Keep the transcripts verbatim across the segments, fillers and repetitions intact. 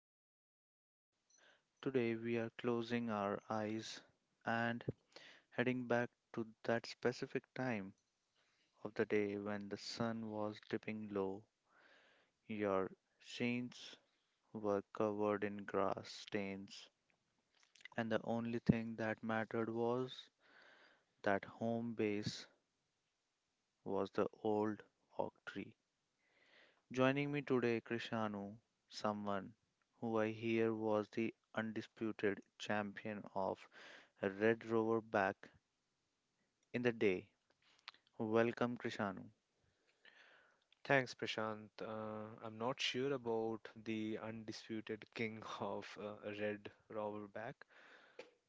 host Prashant. Today we are closing our eyes and heading back to that specific time of the day when the sun was dipping low. Your sheets were covered in grass stains, and the only thing that mattered was that home base was the old oak tree. Joining me today, Krishanu, someone who I hear was the undisputed champion of Red Rover back in the day. Welcome, Krishanu. Thanks, Prashant. Uh, I'm not sure about the undisputed king of uh, Red Roverback,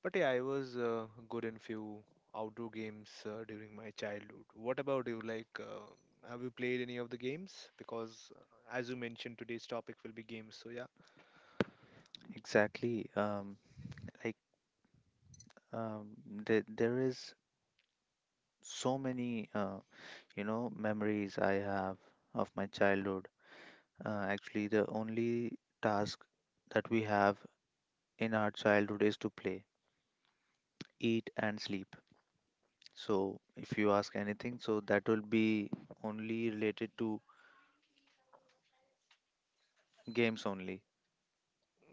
but yeah, I was uh, good in few outdoor games uh, during my childhood. What about you? Like, uh, have you played any of the games? Because uh, as you mentioned, today's topic will be games. So yeah. Exactly. Um, like um, the there is so many, uh, you know, memories I have of my childhood. Uh, actually, the only task that we have in our childhood is to play, eat, and sleep. So if you ask anything, so that will be only related to games only.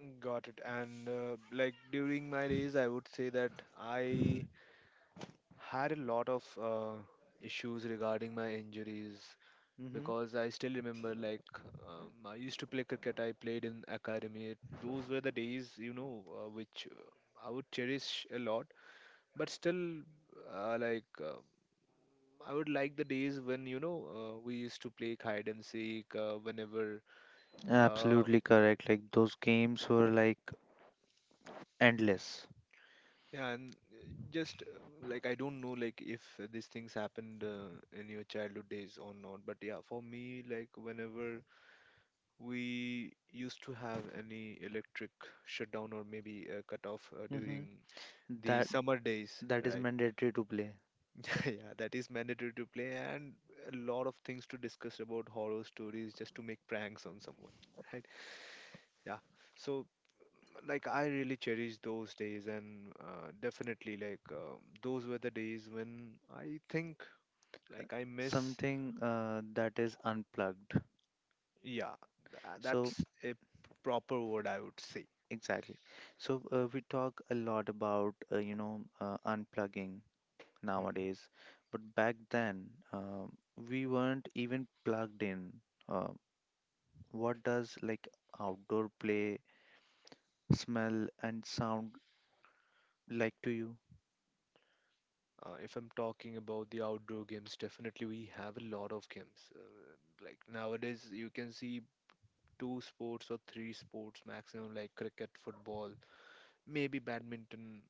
Mm, got it. And uh, like during my days, I would say that I had a lot of uh, issues regarding my injuries, Mm-hmm. because I still remember like um, I used to play cricket. I played in academy. Those were the days, you know, uh, which uh, I would cherish a lot. But still, uh, like uh, I would like the days when you know uh, we used to play hide and seek. Uh, whenever, uh, Absolutely correct. Like those games were like endless. yeah, and uh, just uh, like I don't know, like if these things happened uh, in your childhood days or not. But yeah, for me, like whenever we used to have any electric shutdown or maybe a cutoff uh, Mm-hmm. during the That summer days, that is right? mandatory to play. Yeah, that is mandatory to play, and a lot of things to discuss about horror stories just to make pranks on someone, right? Yeah, so like I really cherish those days, and uh, definitely like um those were the days when I think like I miss, Something uh, that is unplugged. yeah, tha- So that's a proper word I would say. exactly. So uh, we talk a lot about uh, you know uh, unplugging Mm-hmm. nowadays, but back then um we weren't even plugged in. Uh, what does like outdoor play smell and sound like to you? Uh, if I'm talking about the outdoor games, definitely we have a lot of games. Uh, like nowadays, you can see two sports or three sports maximum, like cricket, football, maybe badminton,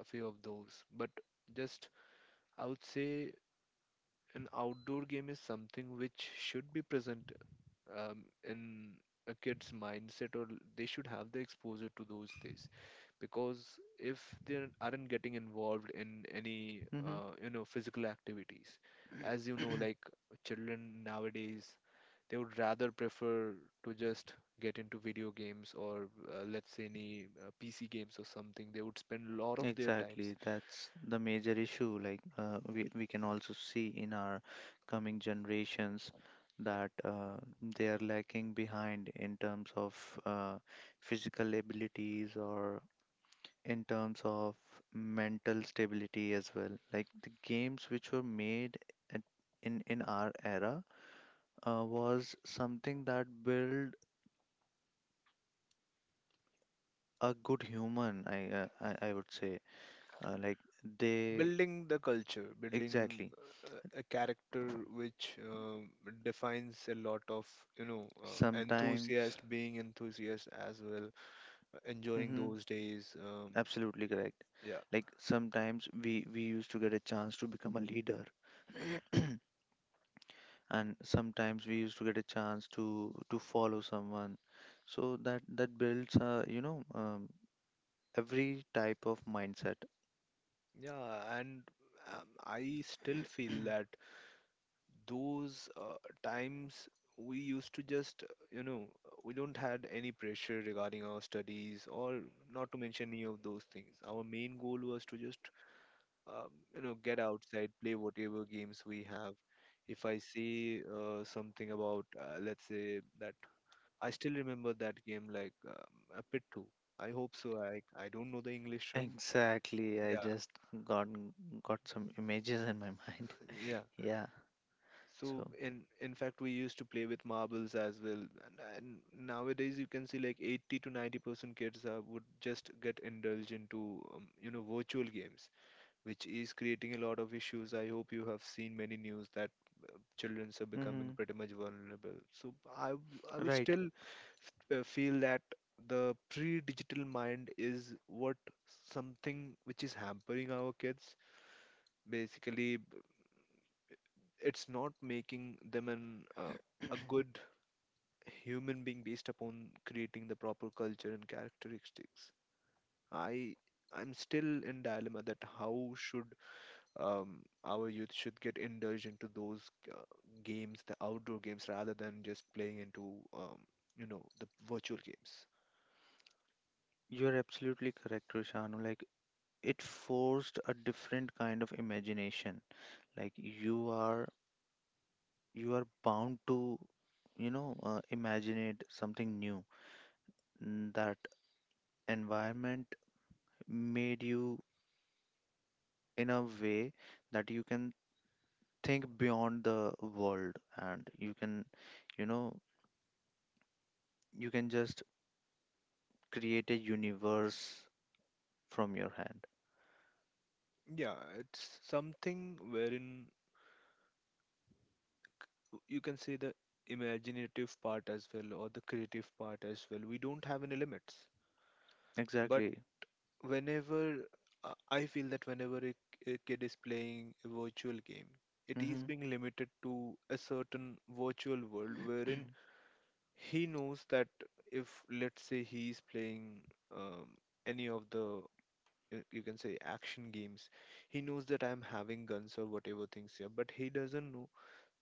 a few of those. But just I would say an outdoor game is something which should be present um, in a kid's mindset, or they should have the exposure to those things, because if they aren't getting involved in any Hmm. uh, you know physical activities, as you know like children nowadays, they would rather prefer to just get into video games or uh, let's say any uh, pc games or something. They would spend a lot of their time Exactly, that's the major issue. Like uh, we we can also see in our coming generations that uh, they are lacking behind in terms of uh, physical abilities or in terms of mental stability as well. Like the games which were made at, in in our era uh, was something that built a good human, I, uh, I, I would say. Uh, like they, building the culture, building exactly. uh, a character which um defines a lot of you know uh, Sometimes, enthusiast, being enthusiast as well, uh, enjoying hmm those days. Um, absolutely correct. yeah, Like sometimes we, we used to get a chance to become a leader, and sometimes we used to get a chance to to follow someone. So that that builds, uh, you know, um, every type of mindset. yeah, and um, I still feel that those uh, times we used to just uh, you know, we don't had any pressure regarding our studies, or not to mention any of those things. Our main goal was to just um, you know, get outside, play whatever games we have. If I see uh, something about, uh, let's say that, I still remember that game like um, a pit two. I hope so. I i don't know the English term. Exactly. I Yeah, just got got some images in my mind. yeah, Yeah. so So. in in fact we used to play with marbles as well, and, and nowadays you can see like eighty to ninety percent kids uh, would just get indulged into um, you know, virtual games, which is creating a lot of issues. I hope you have seen many news that uh, children are becoming hmm pretty much vulnerable. So I w- I would right. still f- uh, feel that the pre-digital mind is what, something which is hampering our kids. Basically, b- it's not making them an uh, a good human being based upon creating the proper culture and characteristics. I I'm still in dilemma that how should um, our youth should get indulged into those uh, games, the outdoor games, rather than just playing into um, you know the virtual games. You're absolutely correct, Roshanu. Like it forced a different kind of imagination. Like you are you are bound to, you know, uh, imagine it something new. Mm, That environment made you in a way that you can think beyond the world, and you can, you know, you can just create a universe from your hand. Yeah, it's something wherein you can say the imaginative part as well, or the creative part as well. We don't have any limits, but Exactly. whenever uh, I feel that whenever a, a kid is playing a virtual game, it is hmm being limited to a certain virtual world wherein he knows that, if let's say he's playing um, any of the, you you can say, action games, he knows that I'm having guns or whatever things here, but he doesn't know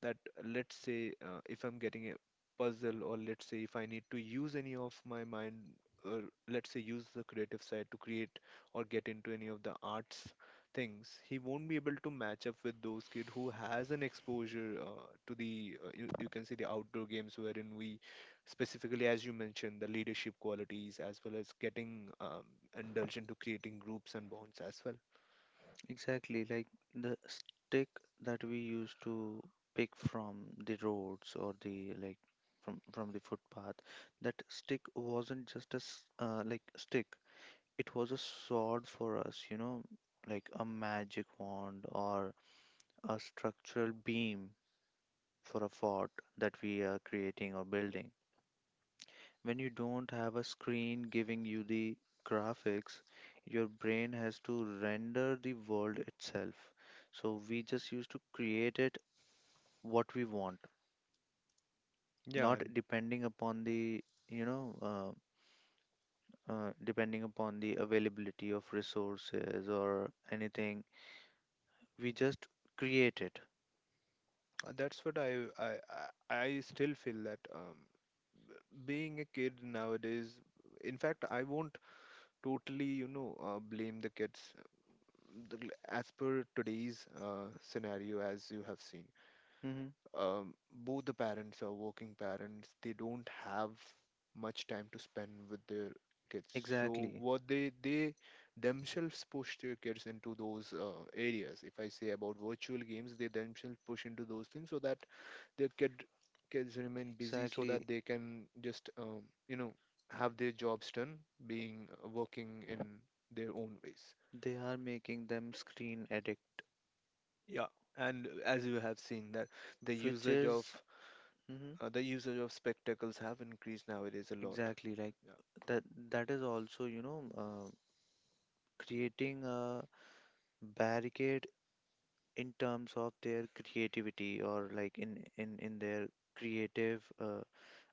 that, let's say uh, if I'm getting a puzzle, or let's say if I need to use any of my mind, or let's say use the creative side to create, or get into any of the arts things, he won't be able to match up with those kid who has an exposure uh, to the uh, you, you can see, the outdoor games wherein we specifically, as you mentioned, the leadership qualities, as well as getting um, indulged into creating groups and bonds as well. Exactly. Like the stick that we used to pick from the roads, or the like from from the footpath, that stick wasn't just a s- uh, like stick. It was a sword for us, you know, like a magic wand or a structural beam for a fort that we are creating or building. When you don't have a screen giving you the graphics, your brain has to render the world itself. So we just used to create it what we want, Yeah, not and depending upon the, you know, uh, uh, depending upon the availability of resources or anything. We just create it. uh, that's what i i i I still feel that, um, being a kid nowadays, in fact, I won't totally, you know, uh, blame the kids. The l- as per today's uh, scenario, as you have seen, hmm Um, both the parents are working parents, they don't have much time to spend with their kids. So, Exactly. what they they themselves push their kids into those uh, areas. If I say about virtual games, they themselves push into those things, so that their kid kids remain busy, so that Exactly. they can just um, you know, have their jobs done, being uh, working in their own ways. They are making them screen addict, Yeah, and as you have seen that the which usage of is. Mhm. uh, the usage of spectacles have increased nowadays a lot. Exactly, like that that is also, you know, uh, creating a barricade in terms of their creativity or like in in in their creative uh,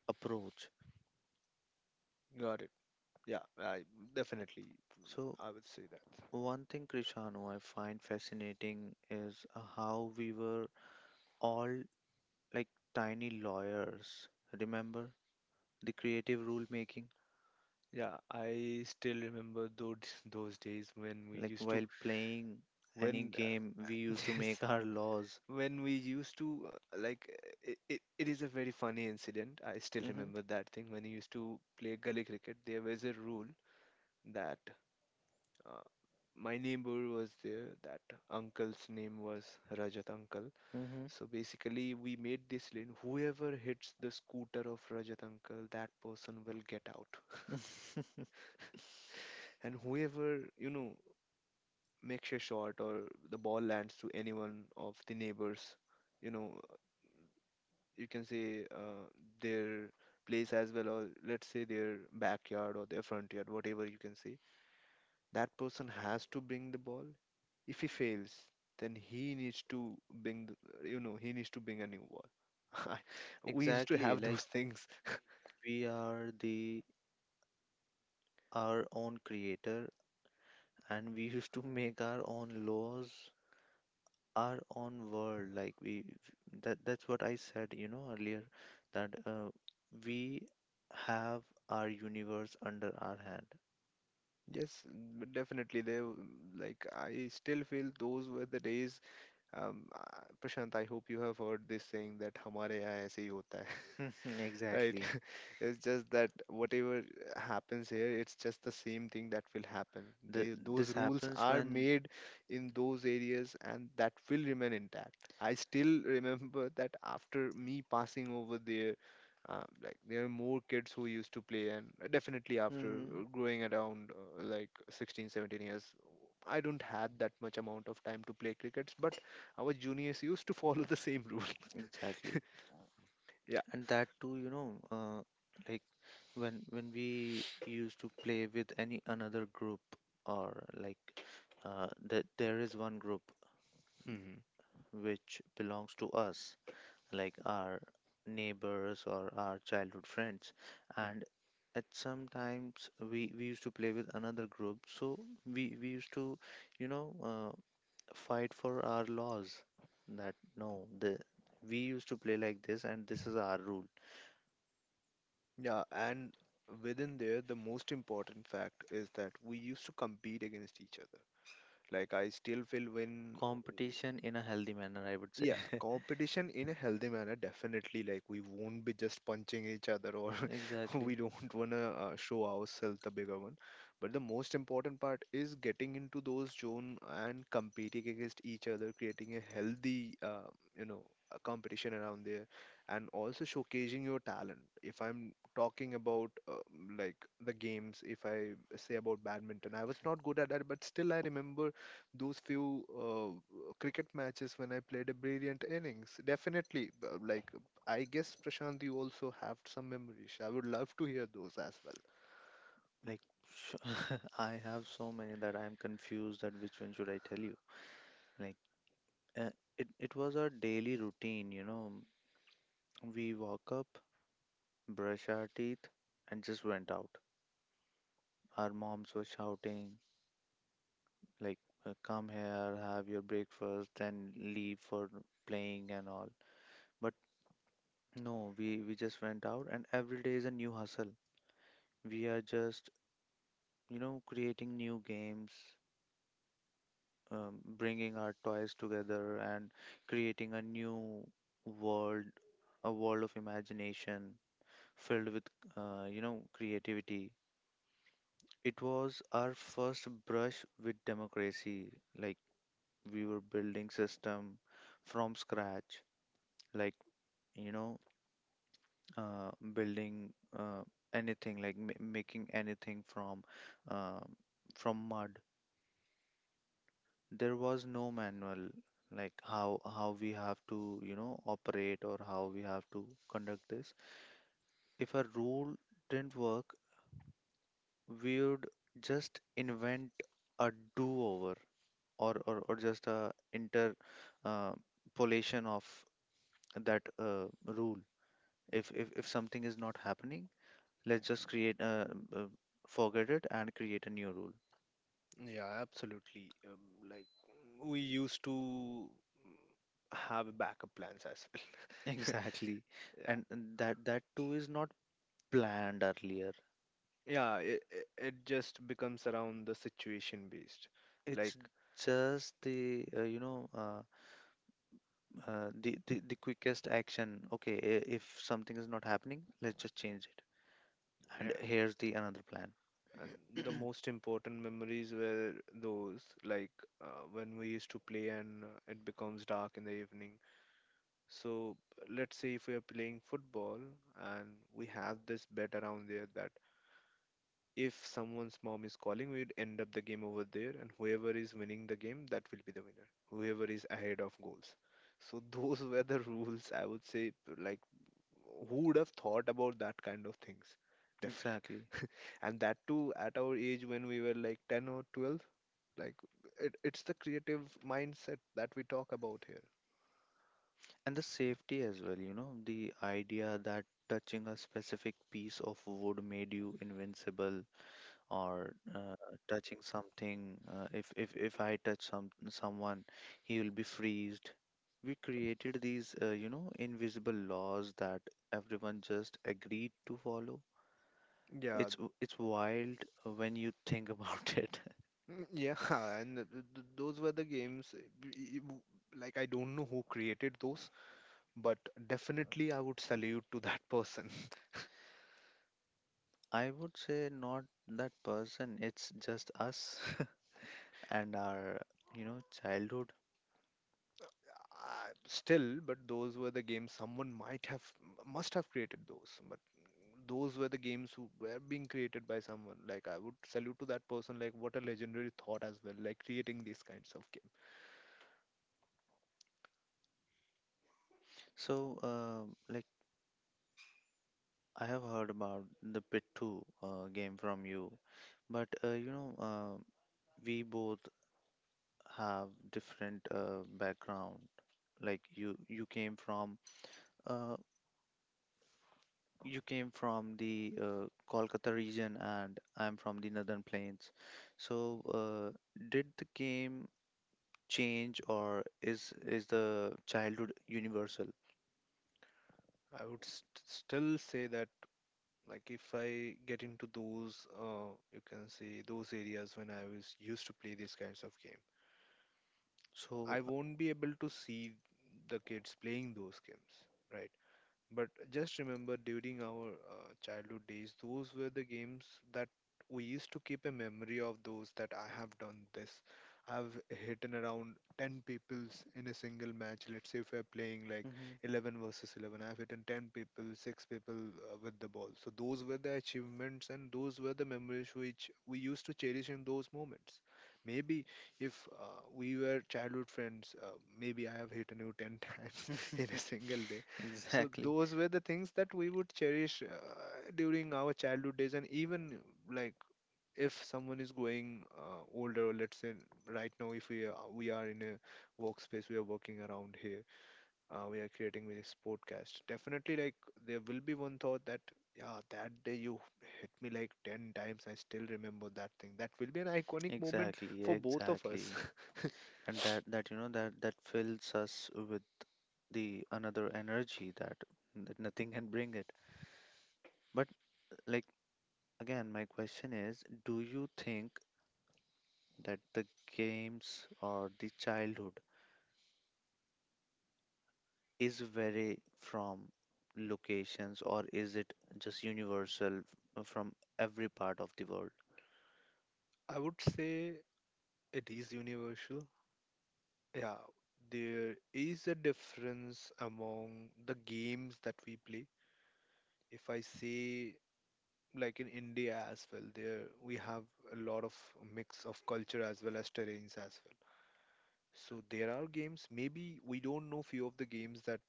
approach. Yeah, got it. Yeah, I definitely, So I would say that, one thing, Krishanu, I find fascinating is uh, how we were all like tiny lawyers. Remember the creative rule making? yeah, I still remember those those days when we Like used to, while playing when, any game, we used to make yes, our laws. when we used to, uh, like uh, it, it, it is a very funny incident. I still Mmhmm. remember that thing when I used to play gully cricket. There was a rule that uh, my neighbor was there, that uncle's name was Rajat uncle. Mhm. So basically we made this lane, whoever hits the scooter of Rajat uncle, that person will get out. And whoever, you know, makes a shot, or the ball lands to anyone of the neighbors, you know, you can say uh, their place as well, or let's say their backyard or their front yard, whatever you can say, that person has to bring the ball. If he fails, then he needs to bring the, you know, he needs to bring a new ball. We used to Exactly, have like those things. we are the our own creator, and we used to make our own laws, our own world. Like we that that's what I said, you know, earlier that uh, we have our universe under our hand. Yes, but definitely, They w- like I still feel those were the days. Um, uh, Prashant, I hope you have heard this saying that "हमारे यहाँ ऐसे ही होता है." Right. Exactly. It's just that whatever happens here, it's just the same thing that will happen. Th- They, those this rules happens are when. made in those areas, and that will remain intact. I still remember that after me passing over there, uh, like there are more kids who used to play, and definitely after hmm uh, growing around uh, like sixteen, seventeen years, I don't have that much amount of time to play crickets, but our juniors used to follow the same rule. exactly. Yeah. And that too, you know, uh, like when when we used to play with any another group, or like uh, that there is one group Mhm. which belongs to us, like our neighbors or our childhood friends, and at some times we we used to play with another group, so we we used to, you know. uh, fight for our laws that no, the we used to play like this and this is our rule. Yeah, and within there, the most important fact is that we used to compete against each other. Like I still will win. Competition in a healthy manner, I would say. Yeah, competition in a healthy manner, definitely. Like, we won't be just punching each other, or Exactly. we don't want to uh, show ourselves the bigger one. But the most important part is getting into those zone and competing against each other, creating a healthy, uh, you know, uh, competition around there, and also showcasing your talent. If I'm talking about uh, like the games, if I say about badminton, I was not good at that, but still I remember those few uh, cricket matches when I played a brilliant innings. Definitely, b- like I guess Prashant, you also have some memories. I would love to hear those as well. Like, sh- I have so many that I'm confused that which one should I tell you. Like uh, it, it was our daily routine, you know we woke up, brush our teeth, and just went out. Our moms were shouting, like, uh, come here, have your breakfast, then leave for playing and all. But no, we, we just went out, and every day is a new hustle. We are just, you know, creating new games, um, bringing our toys together, and creating a new world, a world of imagination filled with, uh, you know, creativity. It was our first brush with democracy, like we were building system from scratch, like you know uh, building uh, anything, like ma- making anything from uh, from mud. There was no manual, like how how we have to, you know, operate, or how we have to conduct this. If a rule didn't work, we would just invent a do-over, or or, or just a interpolation, uh, pollution of that uh, rule. If if, if something is not happening, let's just create uh, uh, forget it and create a new rule. Yeah, absolutely. Um, like we used to have backup plans as well. Exactly, Yeah, and, and that that too is not planned earlier. yeah. It, it it just becomes around the situation based. Like. It's just the uh, you know uh, uh, the, the the quickest action. Okay, i- if something is not happening, let's just change it, and here's the another plan. And the most important memories were those, like uh, when we used to play and uh, it becomes dark in the evening. So let's say if we are playing football, and we have this bet around there that if someone's mom is calling, we'd end up the game over there, and whoever is winning the game, that will be the winner. Whoever is ahead of goals. So those were the rules, I would say. Like, who would have thought about that kind of things? Definitely. Exactly. And that too at our age when we were like ten or twelve, like it, it's the creative mindset that we talk about here. And the safety as well, you know, the idea that touching a specific piece of wood made you invincible, or uh, touching something, uh, if if if I touch some someone, he will be freezed. We created these uh, you know invisible laws that everyone just agreed to follow. Yeah, It's w- it's wild when you think about it. Mm, yeah, and th- th- those were the games. uh, b- w- Like, I don't know who created those, but definitely I would salute to that person. I would say not that person, it's just us. And our, you know childhood. Uh, still, but those were the games someone might have, m- must have created those. But those were the games who were being created by someone. Like, I would salute to that person. Like, what a legendary thought as well. Like, creating these kinds of games. So uh, like I have heard about the pit two uh, game from you, but uh, you know uh, we both have different uh, background. Like you, you came from uh, you came from the uh, Kolkata region, and I'm from the Northern Plains. So, uh, did the game change, or is is the childhood universal? I would st- still say that. Like, if I get into those, uh, you can say those areas when I was used to play these kinds of game, So, I uh, won't be able to see the kids playing those games, right? But just remember, during our uh, childhood days, those were the games that we used to keep a memory of, those that I have done this. I've hit in around ten peoples in a single match. Let's say if we're playing like mhm. eleven versus eleven, I've hit in ten people, six people uh, with the ball. So those were the achievements, and those were the memories which we used to cherish in those moments. Maybe if uh, we were childhood friends, uh, maybe I have hit you ten times in a Things. single day. And So exactly, those were the things that we would cherish uh, during our childhood days. And even, like, if someone is going uh, older, let's say right now, if we are, we are in a workspace, we are working around here, uh, we are creating this podcast. Definitely, like, there will be one thought that, yeah, that day you hit me like ten times. I still remember that thing. That will be an iconic moment exactly, for both of exactly, us. and that that, you know that that fills us with the another energy that that nothing can bring it. But, like, again my question is, do you think that the games or the childhood is vary from locations, or is it just universal f- from every part of the world? I would say it is universal. Yeah, there is a difference among the games that we play. If I say, like, in India as well, there we have a lot of mix of culture as well as terrains as well. So there are games. Maybe we don't know few of the games that,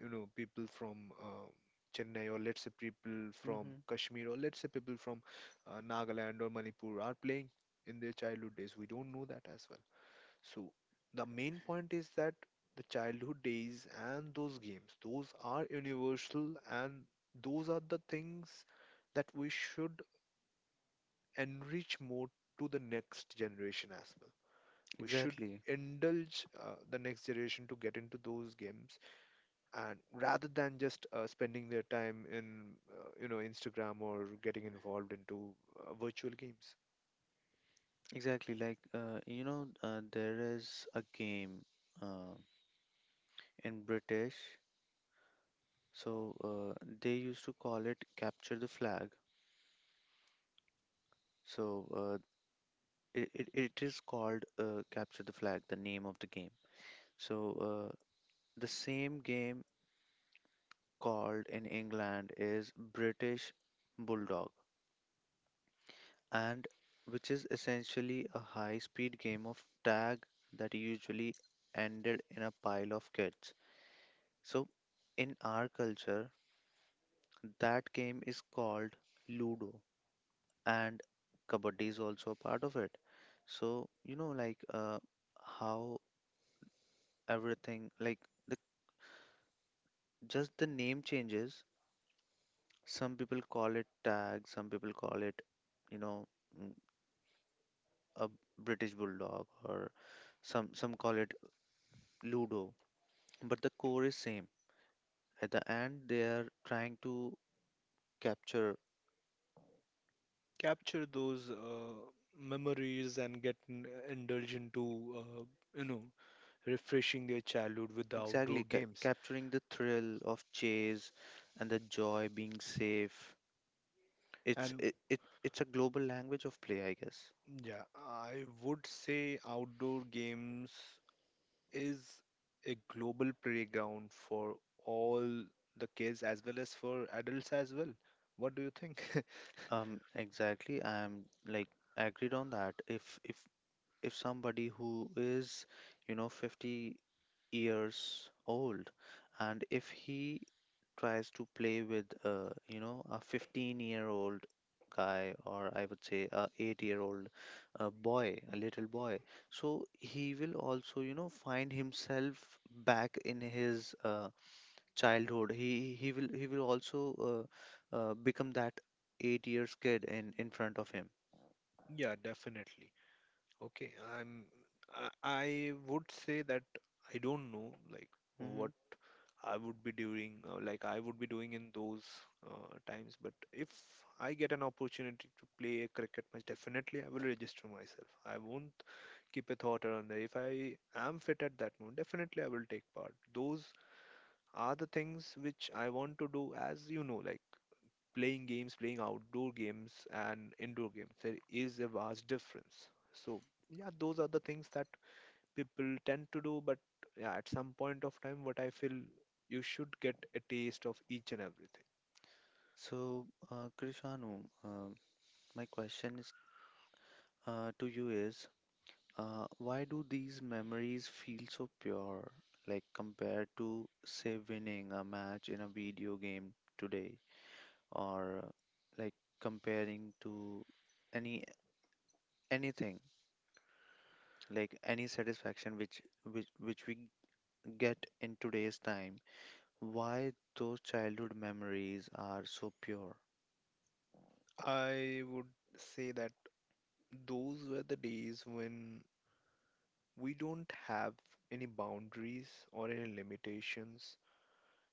you know, people from uh, Chennai, or let's say people from Hmm. Kashmir, or let's say people from uh, Nagaland or Manipur are playing in their childhood days. We don't know that as well. So the main point is that the childhood days and those games, those are universal, and those are the things that we should enrich more to the next generation as well. We should Exactly. indulge uh, the next generation to get into those games, and rather than just uh, spending their time in, uh, you know, Instagram or getting involved into uh, virtual games. Exactly. Like, uh, you know, uh, there is a game uh, in British. So uh, they used to call it Capture the Flag. So uh, it, it, it is called uh, capture the flag, the name of the game. So uh, the same game called in England is British Bulldog. And which is essentially a high speed game of tag that usually ended in a pile of kids. So in our culture that game is called Ludo, and Kabaddi is also a part of it. So you know like, uh, how everything, like, just the name changes. Some people call it tag, some people call it, you know, mm, a British Bulldog, or some some call it Ludo. But the core is same. At the end, they are trying to capture. Capture those uh, memories and get n- indulge into, uh, you know, refreshing their childhood with the outdoor Exactly. ca- games. Capturing the thrill of chase and the joy being safe. It's And it, it it's a global language of play, I guess. yeah, I would say outdoor games is a global playground for all the kids as well as for adults as well. What do you think? Um, exactly. I'm like agreed on that. If if if somebody who is, you know, fifty years old, and if he tries to play with uh, you know a fifteen-year-old guy, or I would say a eight-year-old uh, boy, a little boy. So he will also, you know find himself back in his uh, childhood. He he will he will also uh, uh, become that eight years kid in in front of him. Yeah, definitely. Okay, I'm. I, I would say that I don't know, like, Mm-hmm. what I would be doing, uh, like I would be doing in those uh, times. But if I get an opportunity to play a cricket match, definitely I will register myself. I won't keep a thought around that. If I am fit at that moment, definitely I will take part. Those are the things which I want to do, as you know, like playing games, playing outdoor games, and indoor games. There is a vast difference. So, yeah, those are the things that people tend to do. But yeah, at some point of time, what I feel, you should get a taste of each and everything. So, uh, Krishanu, um, my question is uh, to you is, uh, why do these memories feel so pure, like compared to, say, winning a match in a video game today? Or, like, comparing to any anything, like any satisfaction which which which we get in today's time? Why those childhood memories are so pure? I would say that those were the days when we don't have any boundaries or any limitations,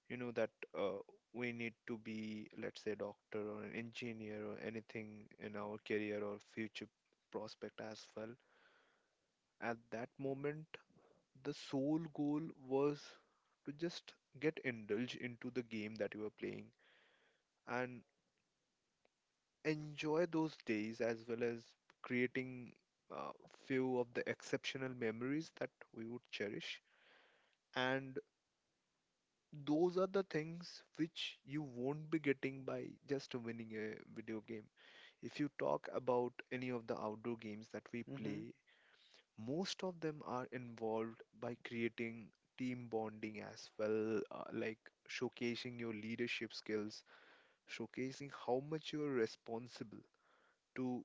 you know, that uh, we need to be, let's say, a doctor or an engineer or anything in our career or future prospect as well. At that moment, the sole goal was to just get indulged into the game that you were playing and enjoy those days, as well as creating uh, few of the exceptional memories that we would cherish. And those are the things which you won't be getting by just winning a video game. If you talk about any of the outdoor games that we play, most of them are involved by creating team bonding as well, uh, like showcasing your leadership skills, showcasing how much you're responsible to,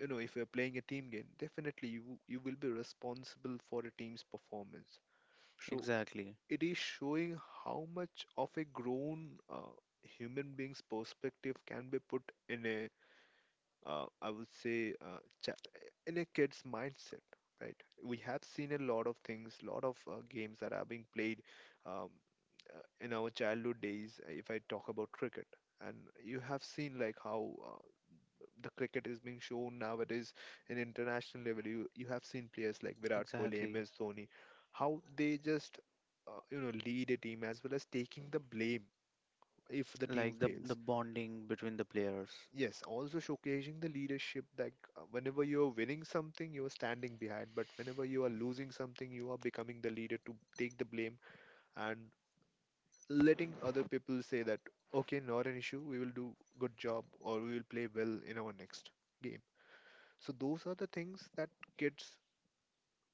you know, if you're playing a team game, definitely you you will be responsible for a team's performance. So Exactly. it is showing how much of a grown uh, human being's perspective can be put in a, uh, I would say, uh, cha- in a kid's mindset. Right, we have seen a lot of things, lot of uh, games that are being played, um, uh, in our childhood days. If I talk about cricket, and you have seen like how uh, the cricket is being shown nowadays in international level. You you have seen players like Virat Kohli, Exactly. M S Dhoni, how they just uh, you know lead a team as well as taking the blame if the team Like the the fails. bonding between the players. Yes, also showcasing the leadership that uh, whenever you're winning something, you are standing behind, but whenever you are losing something, you are becoming the leader to take the blame, and letting other people say that, okay, not an issue, we will do good job or we will play well in our next game. So those are the things that kids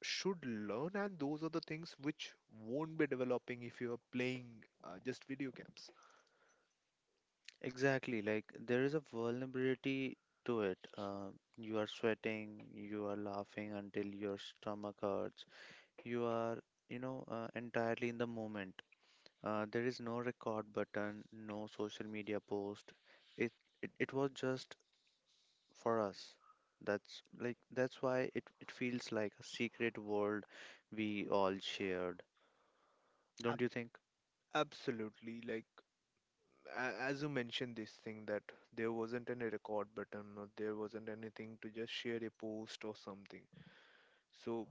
should learn, and those are the things which won't be developing if you are playing uh, just video games. Exactly. Like there is a vulnerability to it. Uh, you are sweating, you are laughing until your stomach hurts. You are, you know, uh, entirely in the moment. Uh, there is no record button, no social media post. It it, it was just for us. That's like that's why it, it feels like a secret world we all shared. Don't Ab- you think? absolutely, like, a- as you mentioned, this thing that there wasn't any record button or there wasn't anything to just share a post or something. So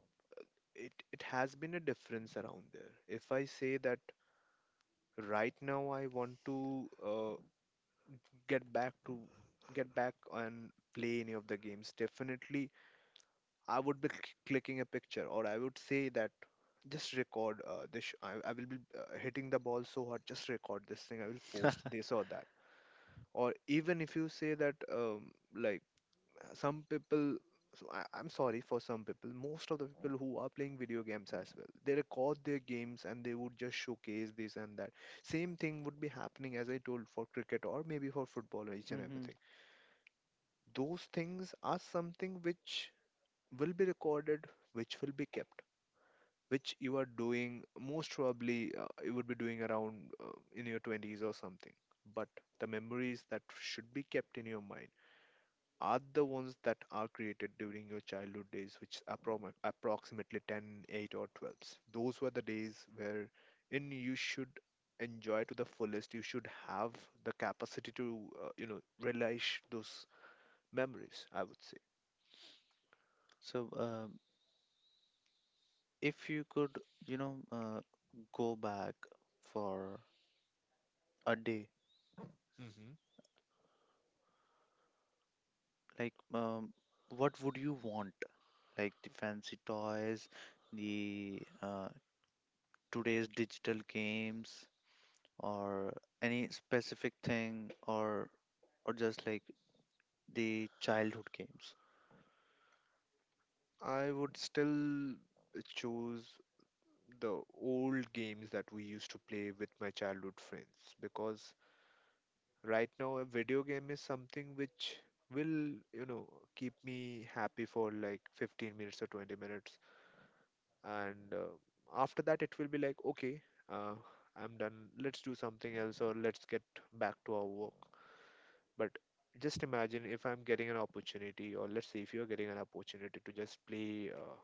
it it has been a difference around there. If I say that right now I want to uh, get back to get back and play any of the games, definitely I would be cl- clicking a picture, or I would say that just record uh, this. sh- I, I will be uh, hitting the ball so hard. Just record this thing. I will post this or that. Or even if you say that, um, like some people, so I, I'm sorry for some people. Most of the people who are playing video games as well, they record their games and they would just showcase this and that. Same thing would be happening, as I told, for cricket or maybe for football, or each and hmm everything. Those things are something which will be recorded, which will be kept, which you are doing most probably, uh, you would be doing around uh, in your twenties or something. But the memories that should be kept in your mind are the ones that are created during your childhood days, which are appro- approximately ten, eight or twelve. Those were the days where in you should enjoy to the fullest. You should have the capacity to uh, you know relish those memories, I would say. So, uh, if you could, you know, uh, go back for a day, Hmm. like, um, what would you want? Like the fancy toys, the uh, today's digital games, or any specific thing, or or just like the childhood games. I would still choose the old games that we used to play with my childhood friends, because right now a video game is something which will, you know, keep me happy for like fifteen minutes or twenty minutes, and uh, after that it will be like, okay, uh, I'm done, let's do something else, or let's get back to our work. But just imagine if I'm getting an opportunity, or let's say if you're getting an opportunity to just play, uh,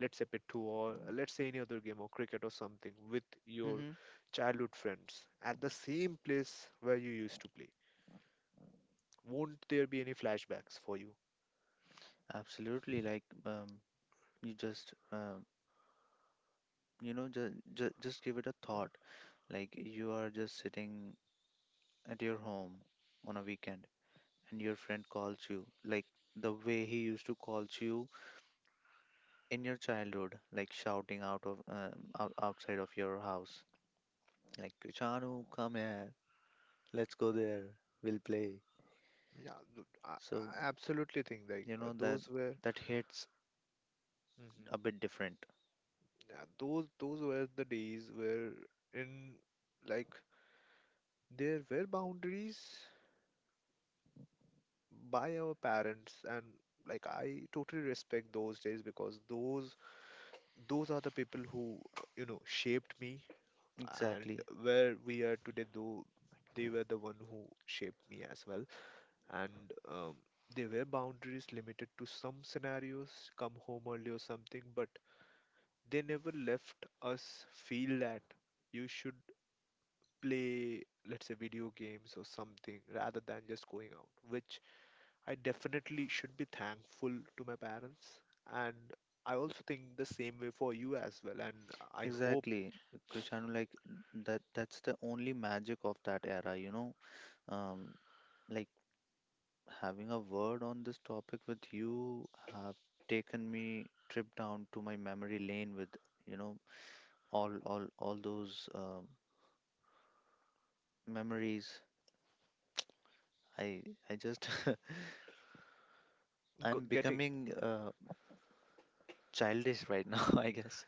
let's say, Pittu, or let's say any other game, or cricket or something with your Mm-hmm. childhood friends at the same place where you used to play? Won't there be any flashbacks for you? Absolutely, like um, you just uh, you know just, just just give it a thought. Like you are just sitting at your home on a weekend, and your friend calls you like the way he used to calls you in your childhood, like shouting out of um, out, outside of your house, like, "Krishanu, come here, let's go there, we'll play." Yeah, th- I, So I absolutely think like you uh, know that those were. that hits Mhm. a bit different. Yeah, those those were the days where in like, there were boundaries by our parents, and like, I totally respect those days, because those those are the people who uh, you know shaped me and Exactly, where we are today. Though, they were the one who shaped me as well. And um, they were boundaries limited to some scenarios, come home early or something, but they never left us feel that you should play, let's say, video games or something rather than just going out, which I definitely should be thankful to my parents. And I also think the same way for you as well, and I hope. exactly, Krishanu. Like that that's the only magic of that era, you know. um like, having a word on this topic with you have taken me trip down to my memory lane with, you know, all all all those um memories. I i just, G- I'm getting becoming uh, childish right now. I guess.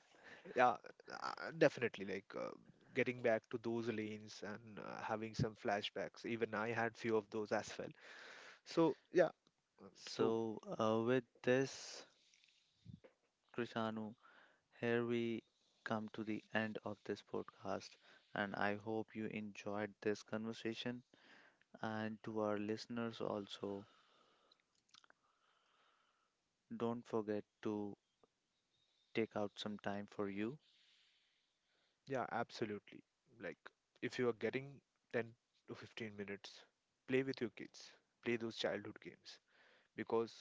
Yeah, uh, definitely, like, uh, getting back to those lanes, and uh, having some flashbacks, even I had few of those as well. So yeah. Um, so, So uh, with this, Krishanu. Here we come to the end of this podcast, and I hope you enjoyed this conversation. And to our listeners, also, don't forget to take out some time for you. yeah, absolutely, like, if you are getting ten to fifteen minutes, play with your kids, play those childhood games, because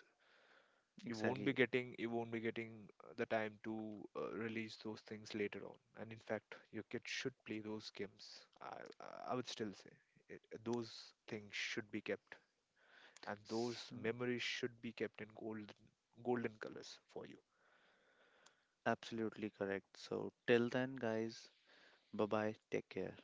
you won't be Exactly. getting, you won't be getting uh, the time to uh, release those things later on, and in fact your kids should play those games. i i I would still say it, those things should be kept, and those So, memories should be kept in golden, golden colors for you. absolutely correct. So, till then, guys, bye bye. Take care.